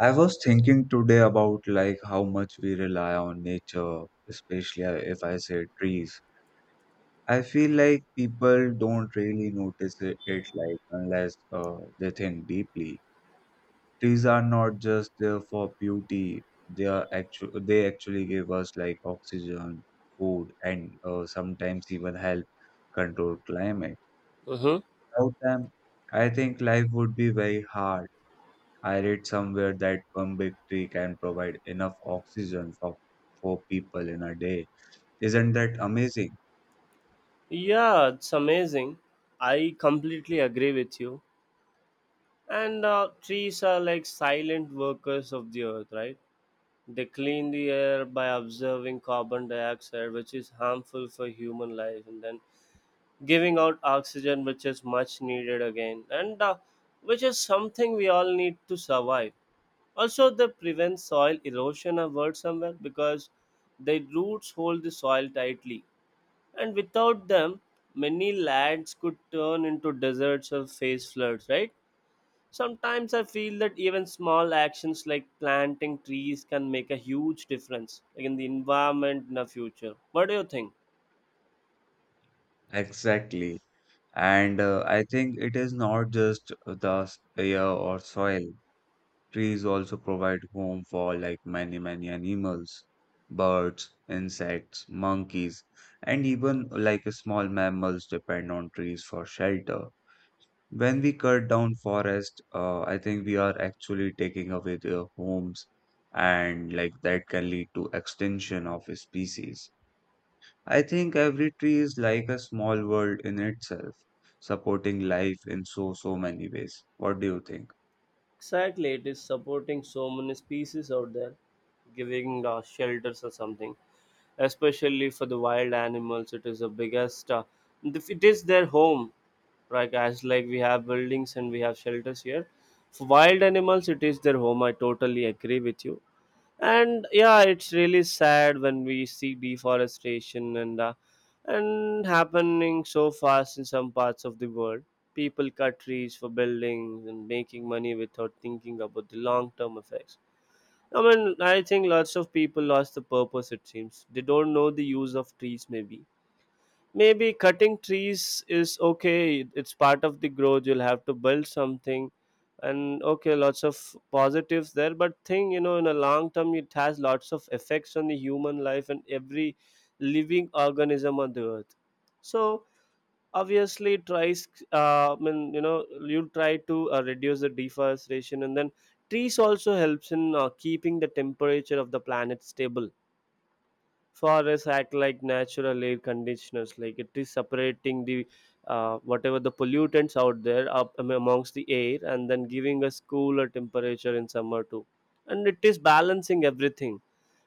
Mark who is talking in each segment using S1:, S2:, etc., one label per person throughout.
S1: I was thinking today about like how much we rely on nature, especially if I say trees. I feel like people don't really notice it like unless they think deeply. Trees are not just there for beauty. They are they actually give us like oxygen, food, and sometimes even help control climate.
S2: Mm-hmm.
S1: Without them, I think life would be very hard. I read somewhere that one big tree can provide enough oxygen for four people in a day. Isn't that amazing?
S2: Yeah, it's amazing. I completely agree with you. And Trees are like silent workers of the earth, right? They clean the air by observing carbon dioxide, which is harmful for human life, and then giving out oxygen, which is much needed again, and which is something we all need to survive. Also, they prevent soil erosion, I've somewhere, because their roots hold the soil tightly. And without them, many lands could turn into deserts or face floods, right? Sometimes I feel that even small actions like planting trees can make a huge difference like in the environment in the future. What do you think?
S1: Exactly. And I think it is not just the air or soil. Trees also provide home for like many, many animals, birds, insects, monkeys, and even like small mammals depend on trees for shelter. When we cut down forest, I think we are actually taking away their homes, and like that can lead to extinction of species. I think every tree is like a small world in itself, supporting life in so many ways. What do you think?
S2: Exactly, it is supporting so many species out there, giving shelters or something. Especially for the wild animals, it is the biggest. It is their home, right? As like we have buildings and we have shelters here. For wild animals, it is their home. I totally agree with you, and yeah, it's really sad when we see deforestation and happening so fast in some parts of the world. People cut trees for buildings and making money without thinking about the long term effects. I mean, I think lots of people lost the purpose. It seems they don't know the use of trees. Maybe, maybe cutting trees is okay. It's part of the growth. You'll have to build something, and okay, lots of positives there. But thing you know, in a long term, it has lots of effects on the human life and every living organism on the earth. So obviously, it tries. I mean, you know, you try to reduce the deforestation, and then trees also helps in keeping the temperature of the planet stable. Forests act like natural air conditioners, like it is separating the whatever the pollutants out there amongst the air and then giving us cooler temperature in summer too, and it is balancing everything.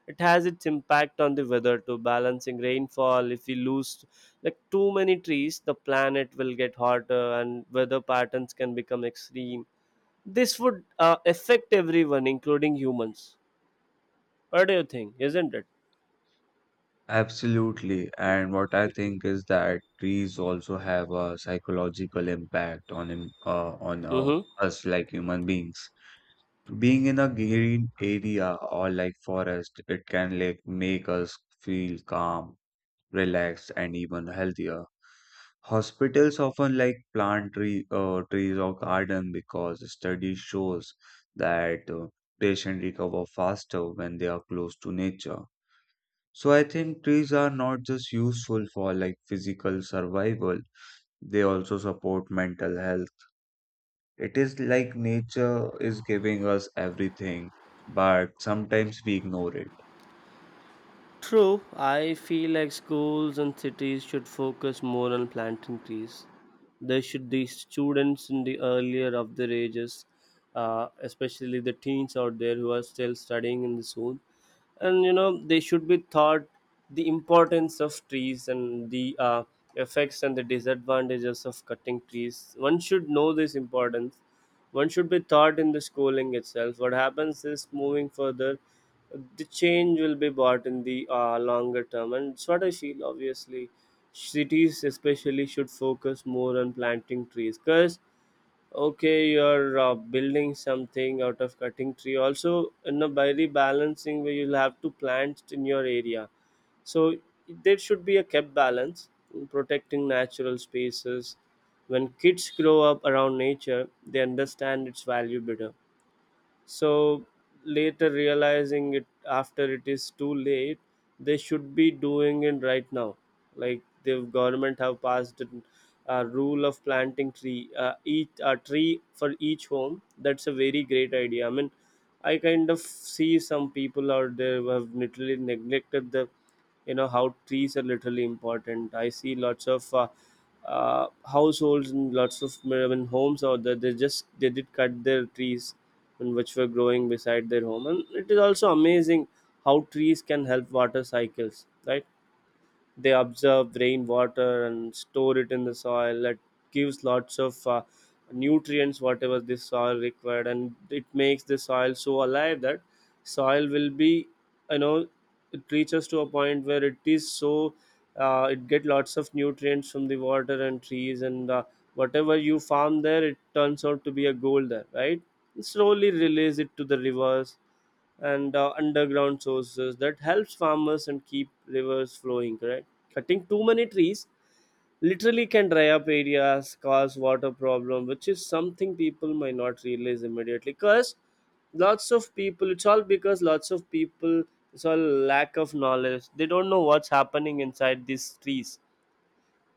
S2: It has its impact on the weather too, balancing rainfall. If we lose like too many trees, the planet will get hotter and weather patterns can become extreme. This would affect everyone including humans. What do you think, isn't it?
S1: Absolutely, and what I think is that trees also have a psychological impact on
S2: Mm-hmm.
S1: us like human beings. Being in a green area or like forest, it can like make us feel calm, relaxed, and even healthier. Hospitals often like plant trees or garden because study shows that patients recover faster when they are close to nature. So I think trees are not just useful for like physical survival; they also support mental health. It is like nature is giving us everything, but sometimes we ignore it.
S2: True, I feel like schools and cities should focus more on planting trees. There should be students in the earlier of their ages, especially the teens out there who are still studying in the school, and you know they should be taught the importance of trees and the effects and the disadvantages of cutting trees. One should know this importance. One should be taught in the schooling itself. What happens is moving further, the change will be bought in the longer term, and it's what I feel. Obviously cities especially should focus more on planting trees because okay, you're building something out of cutting tree also, you know, by rebalancing where you'll have to plant in your area. So there should be a kept balance in protecting natural spaces. When kids grow up around nature, they understand its value better. So later realizing it after it is too late, they should be doing it right now. Like the government have passed a rule of planting tree each a tree for each home. That's a very great idea. I mean, I kind of see some people out there who have literally neglected the, you know, how trees are literally important. I see lots of households and lots of, I mean, homes out there. They just, they did cut their trees and which were growing beside their home. And it is also amazing how trees can help water cycles, right? They absorb rainwater and store it in the soil. That gives lots of nutrients, whatever this soil required, and it makes the soil so alive that soil will be, you know, it reaches to a point where it is so it get lots of nutrients from the water and trees and whatever you farm there it turns out to be a gold there, right? And slowly release it to the rivers and underground sources that helps farmers and keep rivers flowing, correct? Cutting too many trees literally can dry up areas, cause water problem, which is something people might not realize immediately. Because lots of people, it's all lack of knowledge. They don't know what's happening inside these trees.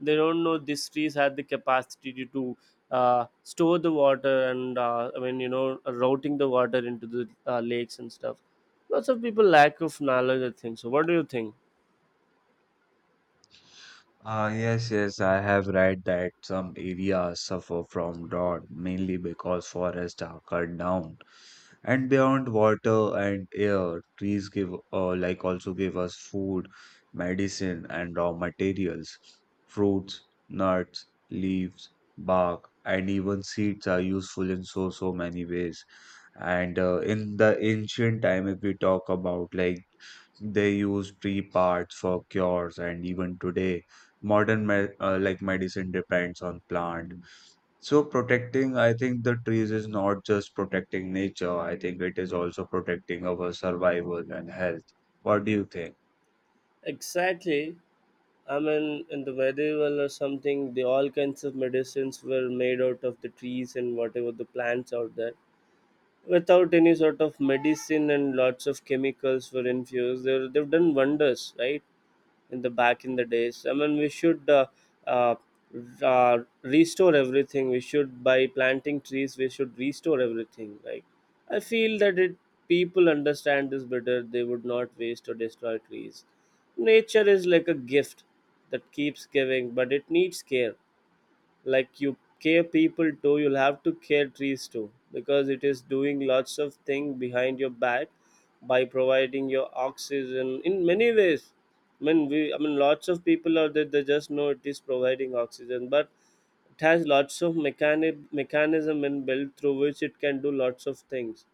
S2: They don't know these trees had the capacity to store the water and, I mean, you know, routing the water into the lakes and stuff. Lots of people lack of knowledge, I think so. What do you think?
S1: Ah, yes, yes, I have read that some areas suffer from drought mainly because forests are cut down. And beyond water and air, trees give like also give us food, medicine, and raw materials. Fruits, nuts, leaves, bark, and even seeds are useful in so many ways. And in the ancient time, if we talk about like they used tree parts for cures, and even today, modern me like medicine depends on plant. So protecting, I think the trees is not just protecting nature. I think it is also protecting our survival and health. What do you think?
S2: Exactly. I mean, in the medieval or something, the all kinds of medicines were made out of the trees and whatever the plants out there. Without any sort of medicine and lots of chemicals were infused, they've done wonders, right? In the back in the days. I mean, we should uh, Restore everything. We should, by planting trees, we should restore everything. Like I feel that it, people understand this better, they would not waste or destroy trees. Nature is like a gift that keeps giving, but it needs care. Like you care people too, you'll have to care trees too, because it is doing lots of thing behind your back by providing your oxygen in many ways. I mean, lots of people out there, they just know it is providing oxygen, but it has lots of mechanic mechanism inbuilt through which it can do lots of things.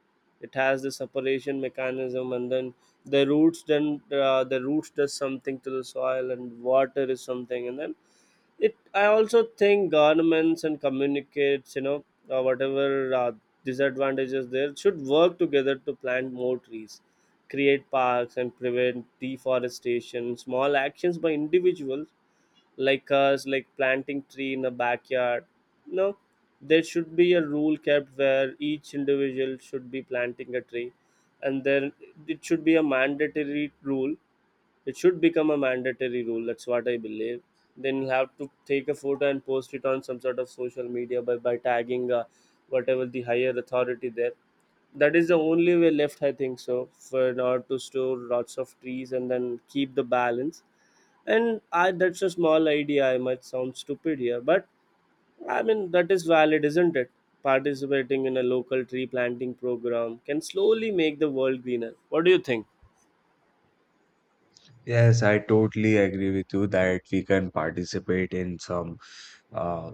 S2: It has the separation mechanism, and then the roots, the roots does something to the soil and water is something. And then it, I also think governments and communicates, you know, whatever disadvantages there, should work together to plant more trees, create parks and prevent deforestation. Small actions by individuals like us, like planting tree in a backyard. No, there should be a rule kept where each individual should be planting a tree. And then it should be a mandatory rule. It should become a mandatory rule. That's what I believe. Then you'll have to take a photo and post it on some sort of social media by tagging whatever the higher authority there. That is the only way left, I think so, for in order to store lots of trees and then keep the balance. And I, that's a small idea. I might sound stupid here, but I mean, that is valid, isn't it? Participating in a local tree planting program can slowly make the world greener. What do you think?
S1: Yes, I totally agree with you that we can participate in some uh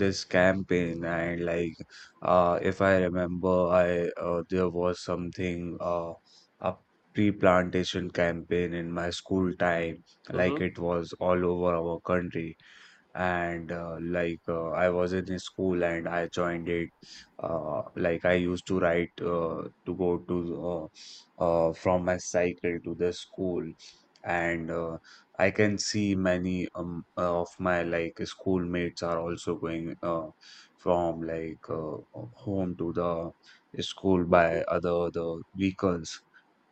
S1: this campaign and like if I remember I there was something a pre-plantation campaign in my school time like
S2: Mm-hmm.
S1: it was all over our country. And like I was in a school and I joined it. Like I used to write to go to from my cycle to the school, and I can see many of my like schoolmates are also going from like home to the school by other the vehicles.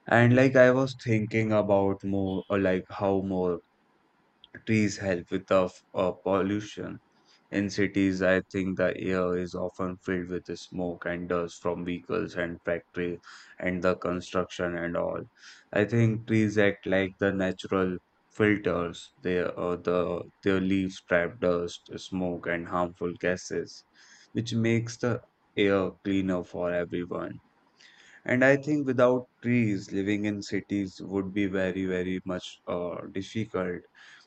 S1: And like I was thinking about like how more trees help with the pollution. In cities, I think the air is often filled with smoke and dust from vehicles and factories and the construction and all. I think trees act like the natural filters. They the their leaves trap dust, smoke, and harmful gases, which makes the air cleaner for everyone. And I think without trees, living in cities would be very, very much difficult,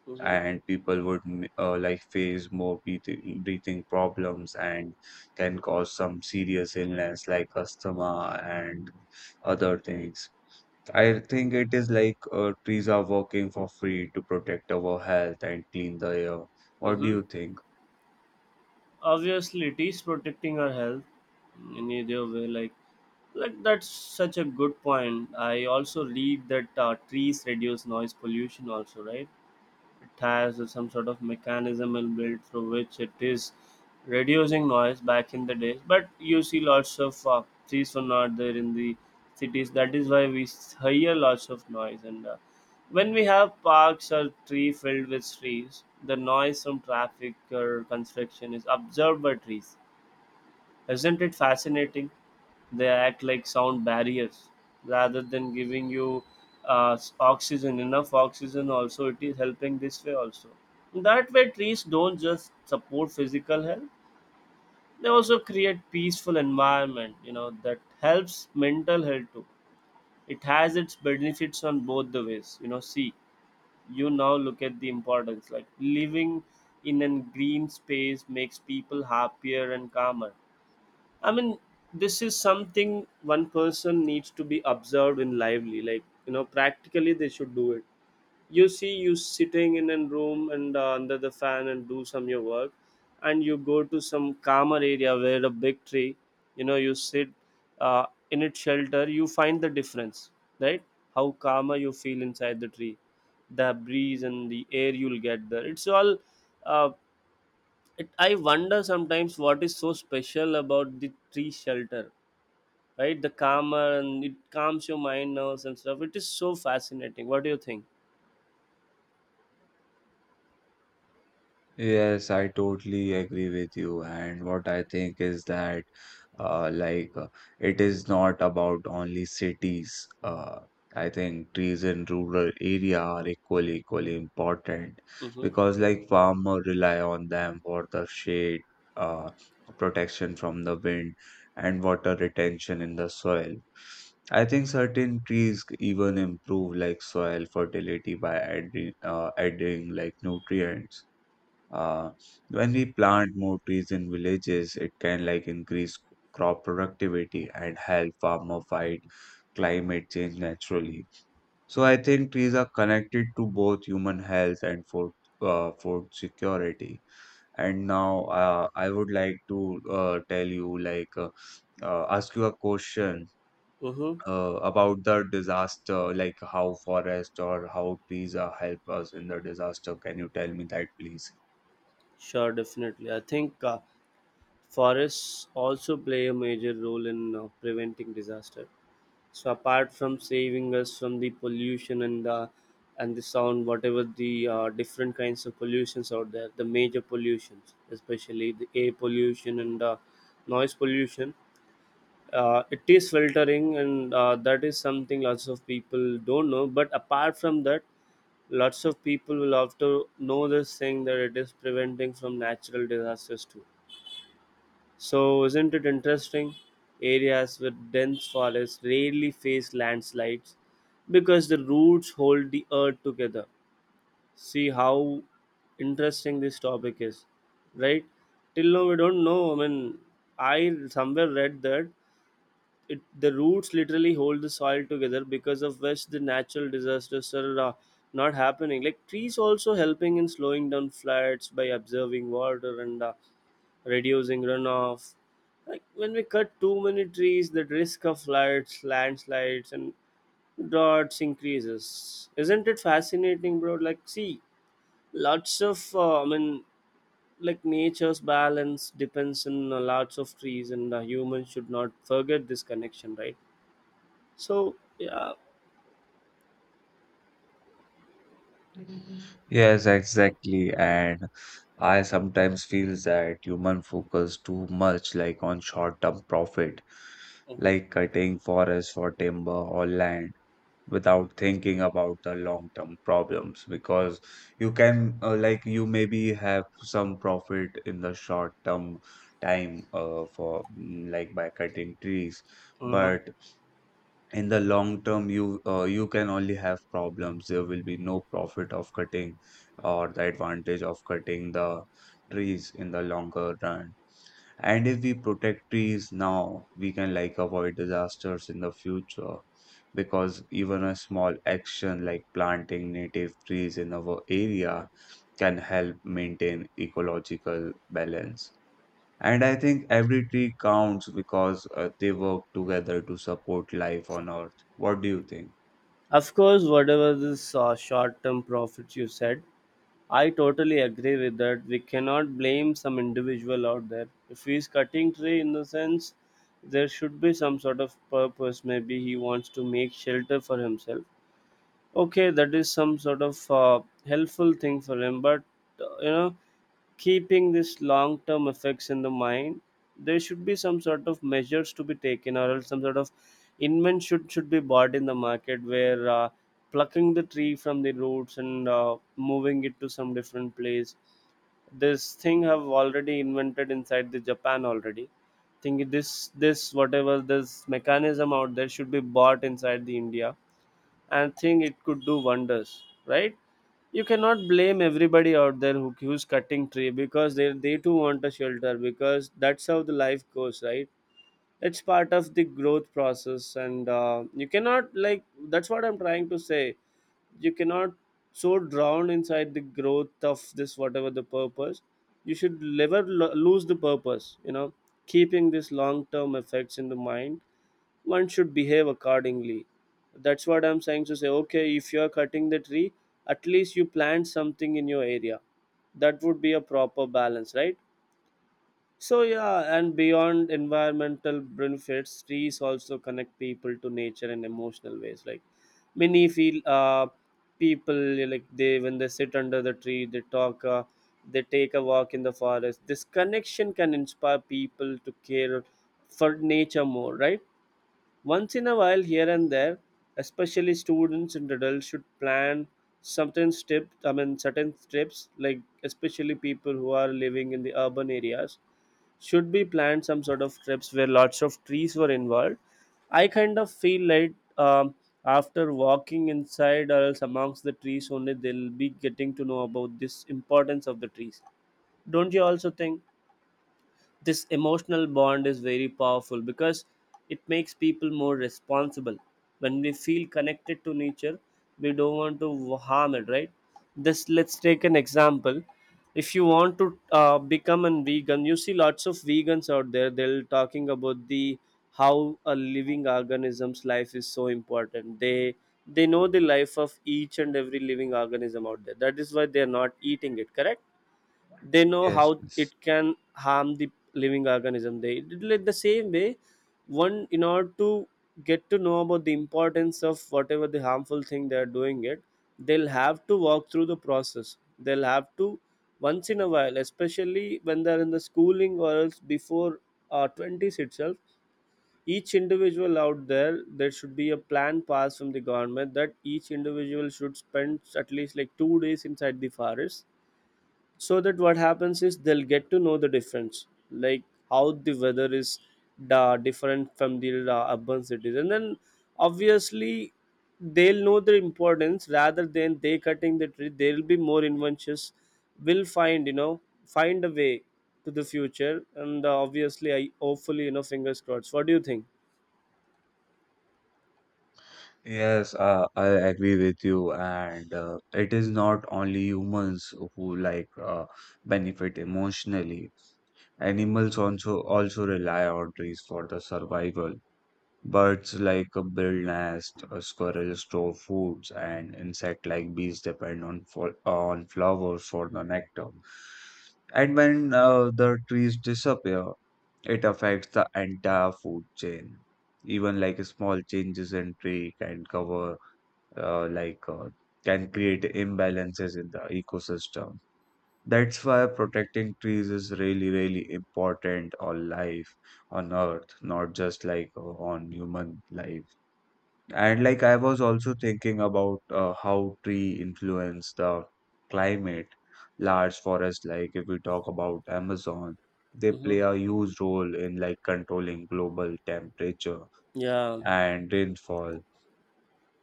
S2: Mm-hmm.
S1: and people would like face more breathing problems and can cause some serious illness like asthma and other things. I think it is like trees are working for free to protect our health and clean the air. What do
S2: Mm-hmm.
S1: you think?
S2: Obviously it is protecting our health in either way. Like that's such a good point. I also read that trees reduce noise pollution also, right? It has some sort of mechanism built through which it is reducing noise back in the days. But you see lots of trees were not there in the cities. That is why we hear lots of noise. And When we have parks or tree filled with trees, the noise from traffic or construction is observed by trees. Isn't it fascinating? They act like sound barriers rather than giving you oxygen, enough oxygen also, it is helping this way also. That way trees don't just support physical health, they also create peaceful environment, you know, that helps mental health too. It has its benefits on both the ways, you know. See, you now look at the importance, like living in a green space makes people happier and calmer. I mean, this is something one person needs to be observed in lively. Like you know, practically they should do it. You see, you sitting in a room and under the fan and do some your work, and you go to some calmer area where a big tree. You know, you sit uh, in its shelter. You find the difference, right? How calmer you feel inside the tree, the breeze and the air you'll get there. It's all. Uh, it, I wonder sometimes what is so special about the tree shelter, right? The calmer, and it calms your mind, nerves and stuff. It is so fascinating. What do you think?
S1: Yes, I totally agree with you. And what I think is that, like, it is not about only cities. Uh, I think trees in rural area are equally, equally important
S2: Mm-hmm.
S1: because, like, farmers rely on them for the shade, uh, protection from the wind, and water retention in the soil. I think certain trees even improve like soil fertility by adding like nutrients. uh, when we plant more trees in villages, it can like increase crop productivity and help farmer fight climate change naturally. So I think trees are connected to both human health and food security. And now I would like to tell you like ask you a question
S2: Mm-hmm.
S1: about the disaster, like how forest or how trees help us in the disaster. Can you tell me that, please?
S2: Sure, definitely, I think forests also play a major role in preventing disaster. So apart from saving us from the pollution and the sound, whatever the different kinds of pollutions out there, the major pollutions, especially the air pollution and noise pollution, it is filtering, and that is something lots of people don't know. But apart from that, lots of people will have to know this thing, that it is preventing from natural disasters too. So isn't it interesting? Areas with dense forests rarely face landslides because the roots hold the earth together. See how interesting this topic is, right? Till now we don't know, I mean, I somewhere read that it, the roots literally hold the soil together, because of which the natural disasters are not happening. Like trees also helping in slowing down floods by absorbing water and reducing runoff. Like when we cut too many trees, the risk of floods, landslides and droughts increases. Isn't it fascinating, bro? Like, see, lots of I mean, like nature's balance depends on lots of trees, and humans should not forget this connection, right? So yeah.
S1: Yes, exactly. And I sometimes feel that human focus too much like on short-term profit,
S2: Mhm.
S1: like cutting forest for timber or land without thinking about the long-term problems because you can like you maybe have some profit in the short-term time like by cutting trees,
S2: Mhm.
S1: but in the long term you can only have problems. There will be no profit of cutting or the advantage of cutting the trees in the longer run, and if we protect trees now we can like avoid disasters in the future because even a small action like planting native trees in our area can help maintain ecological balance. And I think every tree counts because they work together to support life on Earth. What do you think?
S2: Of course, whatever this short-term profits you said, I totally agree with that. We cannot blame some individual out there. If he is cutting tree, in the sense, there should be some sort of purpose. Maybe he wants to make shelter for himself. Okay, that is some sort of helpful thing for him. But uh, you know, keeping this long term effects in the mind, there should be some sort of measures to be taken, or else some sort of invent should be bought in the market where plucking the tree from the roots and moving it to some different place, this thing have already invented inside the Japan already. Think this, whatever this mechanism out there should be bought inside the India, and think it could do wonders, right? You cannot blame everybody out there who's cutting tree, because they too want a shelter, because that's how the life goes, right? It's part of the growth process, and you cannot like, that's what I'm trying to say. You cannot so drown inside the growth of this, whatever the purpose. You should never lose the purpose. Keeping this long term effects in the mind, one should behave accordingly. That's what I'm saying to say. Okay, if you are cutting the tree, at least you plant something in your area. That would be a proper balance, right? So yeah, and beyond environmental benefits, trees also connect people to nature in emotional ways. Like many feel people, like, they when they sit under the tree, they talk, they take a walk in the forest. This connection can inspire people to care for nature more, right? Once in a while, here and there, especially students and adults should plan certain trips. I mean, certain trips, like especially people who are living in the urban areas, should be planned some sort of trips where lots of trees were involved. I kind of feel like um, after walking inside or else amongst the trees, only they'll be getting to know about this importance of the trees. Don't you also think? This emotional bond is very powerful, because it makes people more responsible. When we feel connected to nature, we don't want to harm it, right? This, let's take an example. If you want to become a vegan, you see lots of vegans out there, they're talking about the how a living organism's life is so important. They know the life of each and every living organism out there. That is why they are not eating it, correct? They know
S1: Yes,
S2: how
S1: yes.
S2: it can harm the living organism. They, like the same way, one, in order to get to know about the importance of whatever the harmful thing they are doing it, they'll have to walk through the process. They'll have to, once in a while, especially when they're in the schooling or else before 20s itself, each individual out there, there should be a plan passed from the government that each individual should spend at least like 2 days inside the forest. So that what happens is they'll get to know the difference, like how the weather is different from the urban cities, and then obviously they'll know the importance. Rather than they cutting the tree, they'll be more inventions will find, you know, find a way to the future, and obviously I hopefully, you know fingers crossed. What do you think?
S1: Yes, I agree with you, and it is not only humans who like benefit emotionally. Animals also rely on trees for the survival. Birds like a build squirrels store foods, and insect like bees depend on on flowers for the nectar. And when the trees disappear, it affects the entire food chain. Even like small changes in tree can cover like can create imbalances in the ecosystem. That's why protecting trees is really really important on life on Earth, not just like on human life. And like I was also thinking about how tree influence the climate. Large forests, like if we talk about Amazon, they
S2: Mm-hmm.
S1: play a huge role in like controlling global temperature
S2: Yeah.
S1: and rainfall.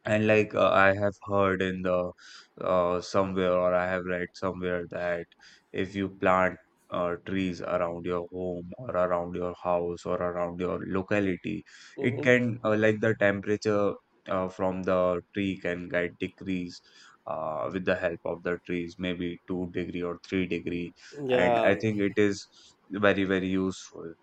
S1: And like I have heard in the somewhere or I have read somewhere that if you plant trees around your home or around your house or around your locality, it
S2: Mm-hmm.
S1: can like the temperature from the tree can get decreased with the help of the trees, maybe 2 degree or 3 degree. And I
S2: Yeah,
S1: think it is very, very useful.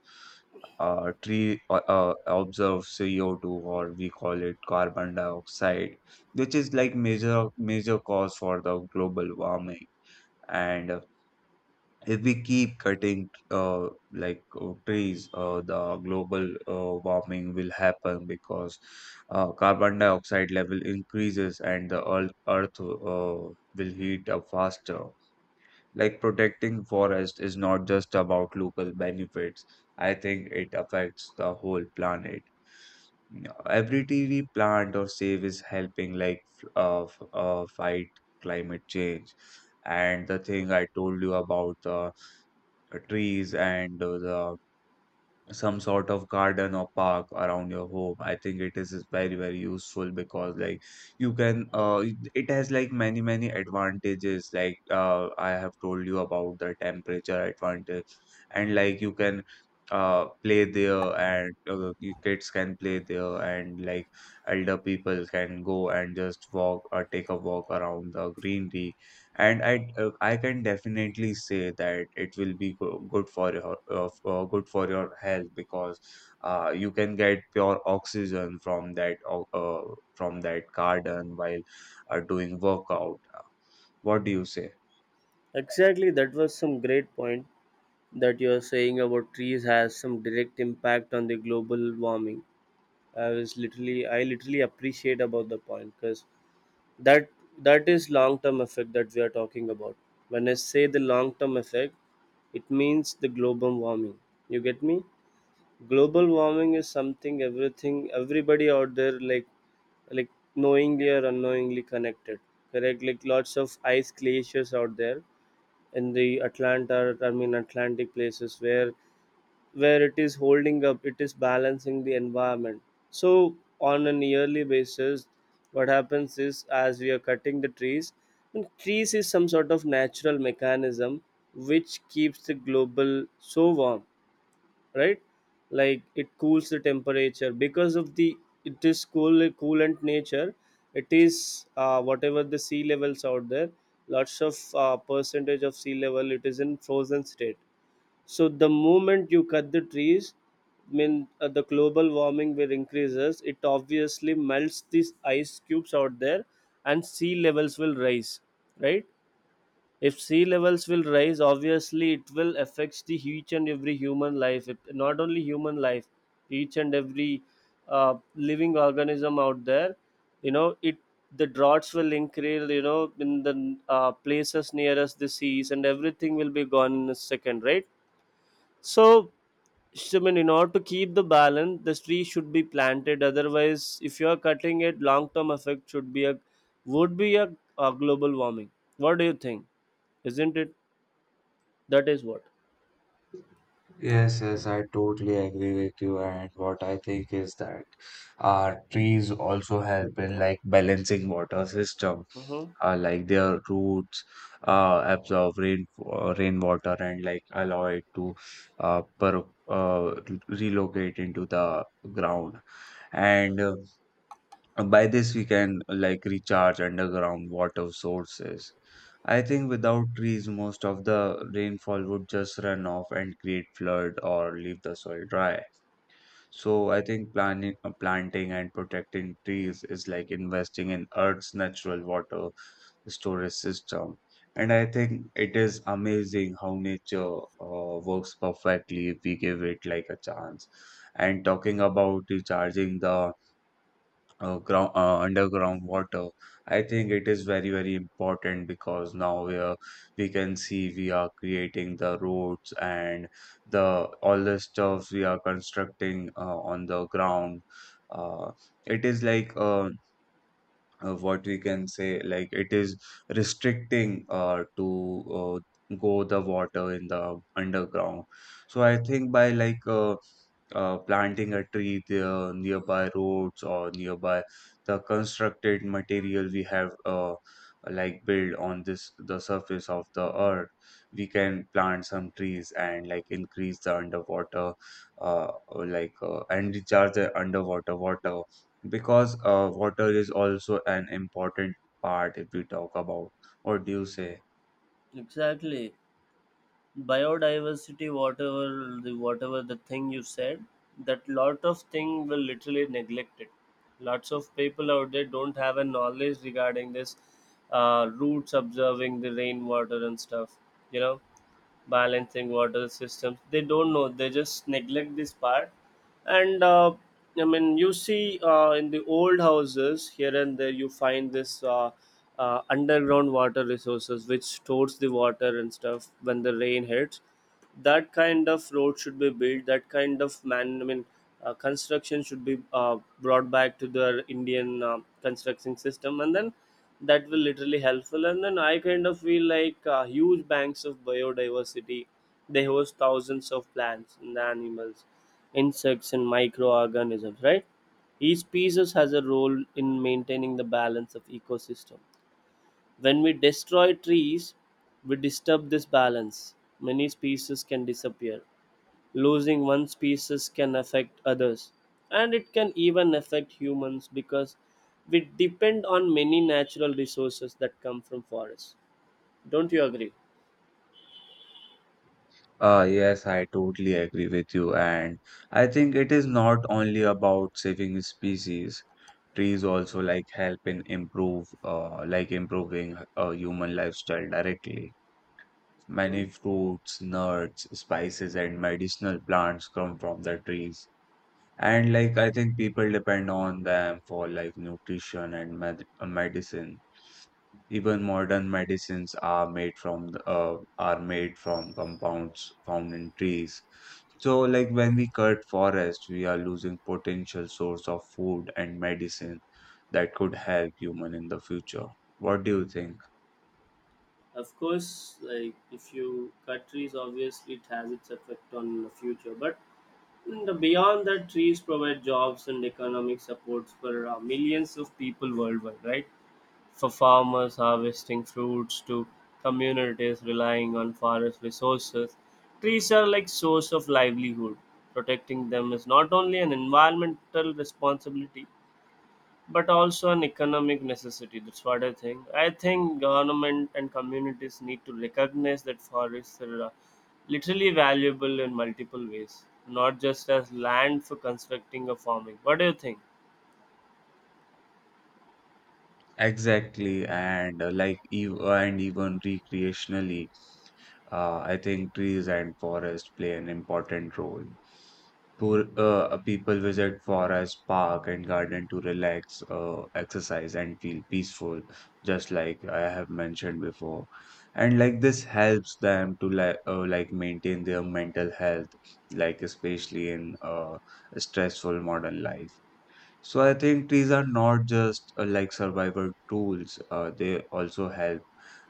S1: Tree observe CO2 or we call it carbon dioxide, which is like major major cause for the global warming. And if we keep cutting like trees, the global warming will happen because carbon dioxide level increases and the earth will heat up faster. Like protecting forest is not just about local benefits. I think it affects the whole planet. Yeah, every tree we plant or save is helping like fight climate change. And the thing I told you about the trees and the some sort of garden or park around your home, I think it is very very useful because like you can it has like many many advantages, like I have told you about the temperature advantage, and like you can play there and you kids can play there and like elder people can go and just walk or take a walk around the greenery. And I can definitely say that it will be good for your good for your health because you can get pure oxygen from that garden while doing workout. What do you say?
S2: exactly, that was some great point that you're saying, about trees has some direct impact on the global warming. I literally appreciate about the point, because that that is long term effect that we are talking about. When I say the long term effect, it means the global warming. You get me? Global warming is something everything everybody out there, like knowingly or unknowingly connected, correct? Like lots of ice glaciers out there in the Atlanta, I mean Atlantic places, where it is holding up, it is balancing the environment. So on a yearly basis, what happens is as we are cutting the trees, and trees is some sort of natural mechanism which keeps the global so warm, right? Like it cools the temperature because of the, it is coolant nature. It is whatever the sea levels out there, lots of percentage of sea level, it is in frozen state. So the moment you cut the trees, I mean the global warming will increases. It obviously melts these ice cubes out there, and sea levels will rise. Right? If sea levels will rise, obviously it will affects the each and every human life. It, not only human life, each and every living organism out there. You know it. The droughts will increase. You know, in the places nearest the seas, and everything will be gone in a second. Right? So so, I mean, in order to keep the balance, the tree should be planted. Otherwise, if you are cutting it, long-term effect should be a would be a global warming. What do you think? Isn't it? That is what.
S1: Yes, yes, I totally agree with you. And what I think is that trees also help in like balancing water system.
S2: Mm-hmm.
S1: Like their roots absorb rainwater and like allow it to uh, per, uh, relocate into the ground. And by this, we can like recharge underground water sources. I think without trees, most of the rainfall would just run off and create flood or leave the soil dry. So I think planting and protecting trees is like investing in Earth's natural water storage system. And I think it is amazing how nature works perfectly if we give it like a chance. And talking about recharging the ground underground water, I think it is very very important because now we can see we are creating the roads and the all the stuff we are constructing on the ground. uh, it is like what we can say like it is restricting to go the water in the underground. So I think by like planting a tree there nearby roads or nearby the constructed material we have like build on this the surface of the earth, we can plant some trees and like increase the underwater uh, like and recharge the underwater water because water is also an important part if we talk about. What do you say?
S2: Exactly. Biodiversity, whatever the thing you said, that lot of thing will literally neglect it. Lots of people out there don't have a knowledge regarding this roots observing the rainwater and stuff, you know, balancing water systems, they don't know, they just neglect this part, and I mean, you see, in the old houses here and there you find this underground water resources which stores the water and stuff when the rain hits. That kind of road should be built, that kind of, man, I mean construction should be brought back to the Indian construction system, and then that will literally helpful. And then I kind of feel like huge banks of biodiversity, they host thousands of plants and animals, insects and microorganisms, right? Each species has a role in maintaining the balance of ecosystem. When we destroy trees, we disturb this balance. Many species can disappear. Losing one species can affect others. And it can even affect humans because we depend on many natural resources that come from forests. Don't you agree?
S1: Yes, I totally agree with you. And I think it is not only about saving species. Trees also like help in like improving human lifestyle directly.
S2: Hmm.
S1: Many fruits, nuts, spices, and medicinal plants come from the trees. And like I think people depend on them for like nutrition and medicine. Even modern medicines are made from compounds found in trees. So, like when we cut forest, we are losing potential source of food and medicine that could help human in the future. What do you think?
S2: Of course, like if you cut trees, obviously it has its effect on the future. But in the beyond that, trees provide jobs and economic supports for millions of people worldwide, right? For farmers harvesting fruits to communities relying on forest resources. Trees are like source of livelihood. Protecting them is not only an environmental responsibility but also an economic necessity. That's what I think. I think government and communities need to recognize that forests are literally valuable in multiple ways, not just as land for constructing or farming. What do you think?
S1: Exactly, and like ev and even recreationally, I think trees and forest play an important role. People visit forest, park, and garden to relax, exercise, and feel peaceful, just like I have mentioned before. And like this helps them to like maintain their mental health, like especially in stressful modern life. So I think trees are not just like survival tools, they also help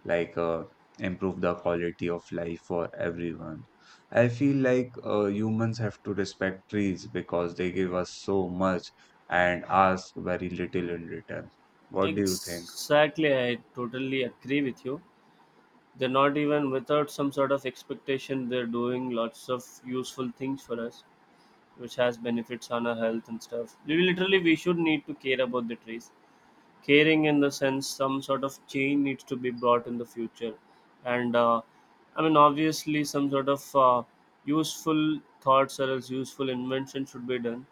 S1: like improve the quality of life for everyone. I feel like humans have to respect trees because they give us so much and ask very little in return. What do you think?
S2: Exactly, I totally agree with you. They're not even without some sort of expectation. They're doing lots of useful things for us, which has benefits on our health and stuff. We should need to care about the trees. Caring in the sense, some sort of change needs to be brought in the future, and I mean, obviously some sort of useful thoughts or else useful invention should be done,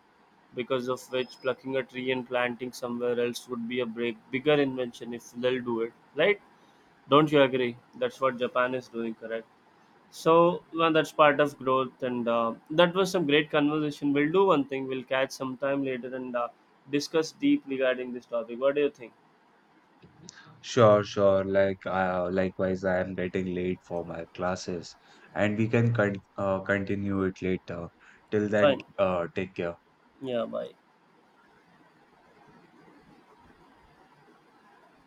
S2: because of which plucking a tree and planting somewhere else would be a break bigger invention if they'll do it, right? Don't you agree? That's what Japan is doing, correct? So, well, that's part of growth, and that was some great conversation. We'll do one thing. We'll catch sometime later and discuss deep regarding this topic. What do you think?
S1: Sure, sure. Likewise, I am getting late for my classes, and we can continue it later. Till then,
S2: Fine.
S1: take care.
S2: Yeah. Bye.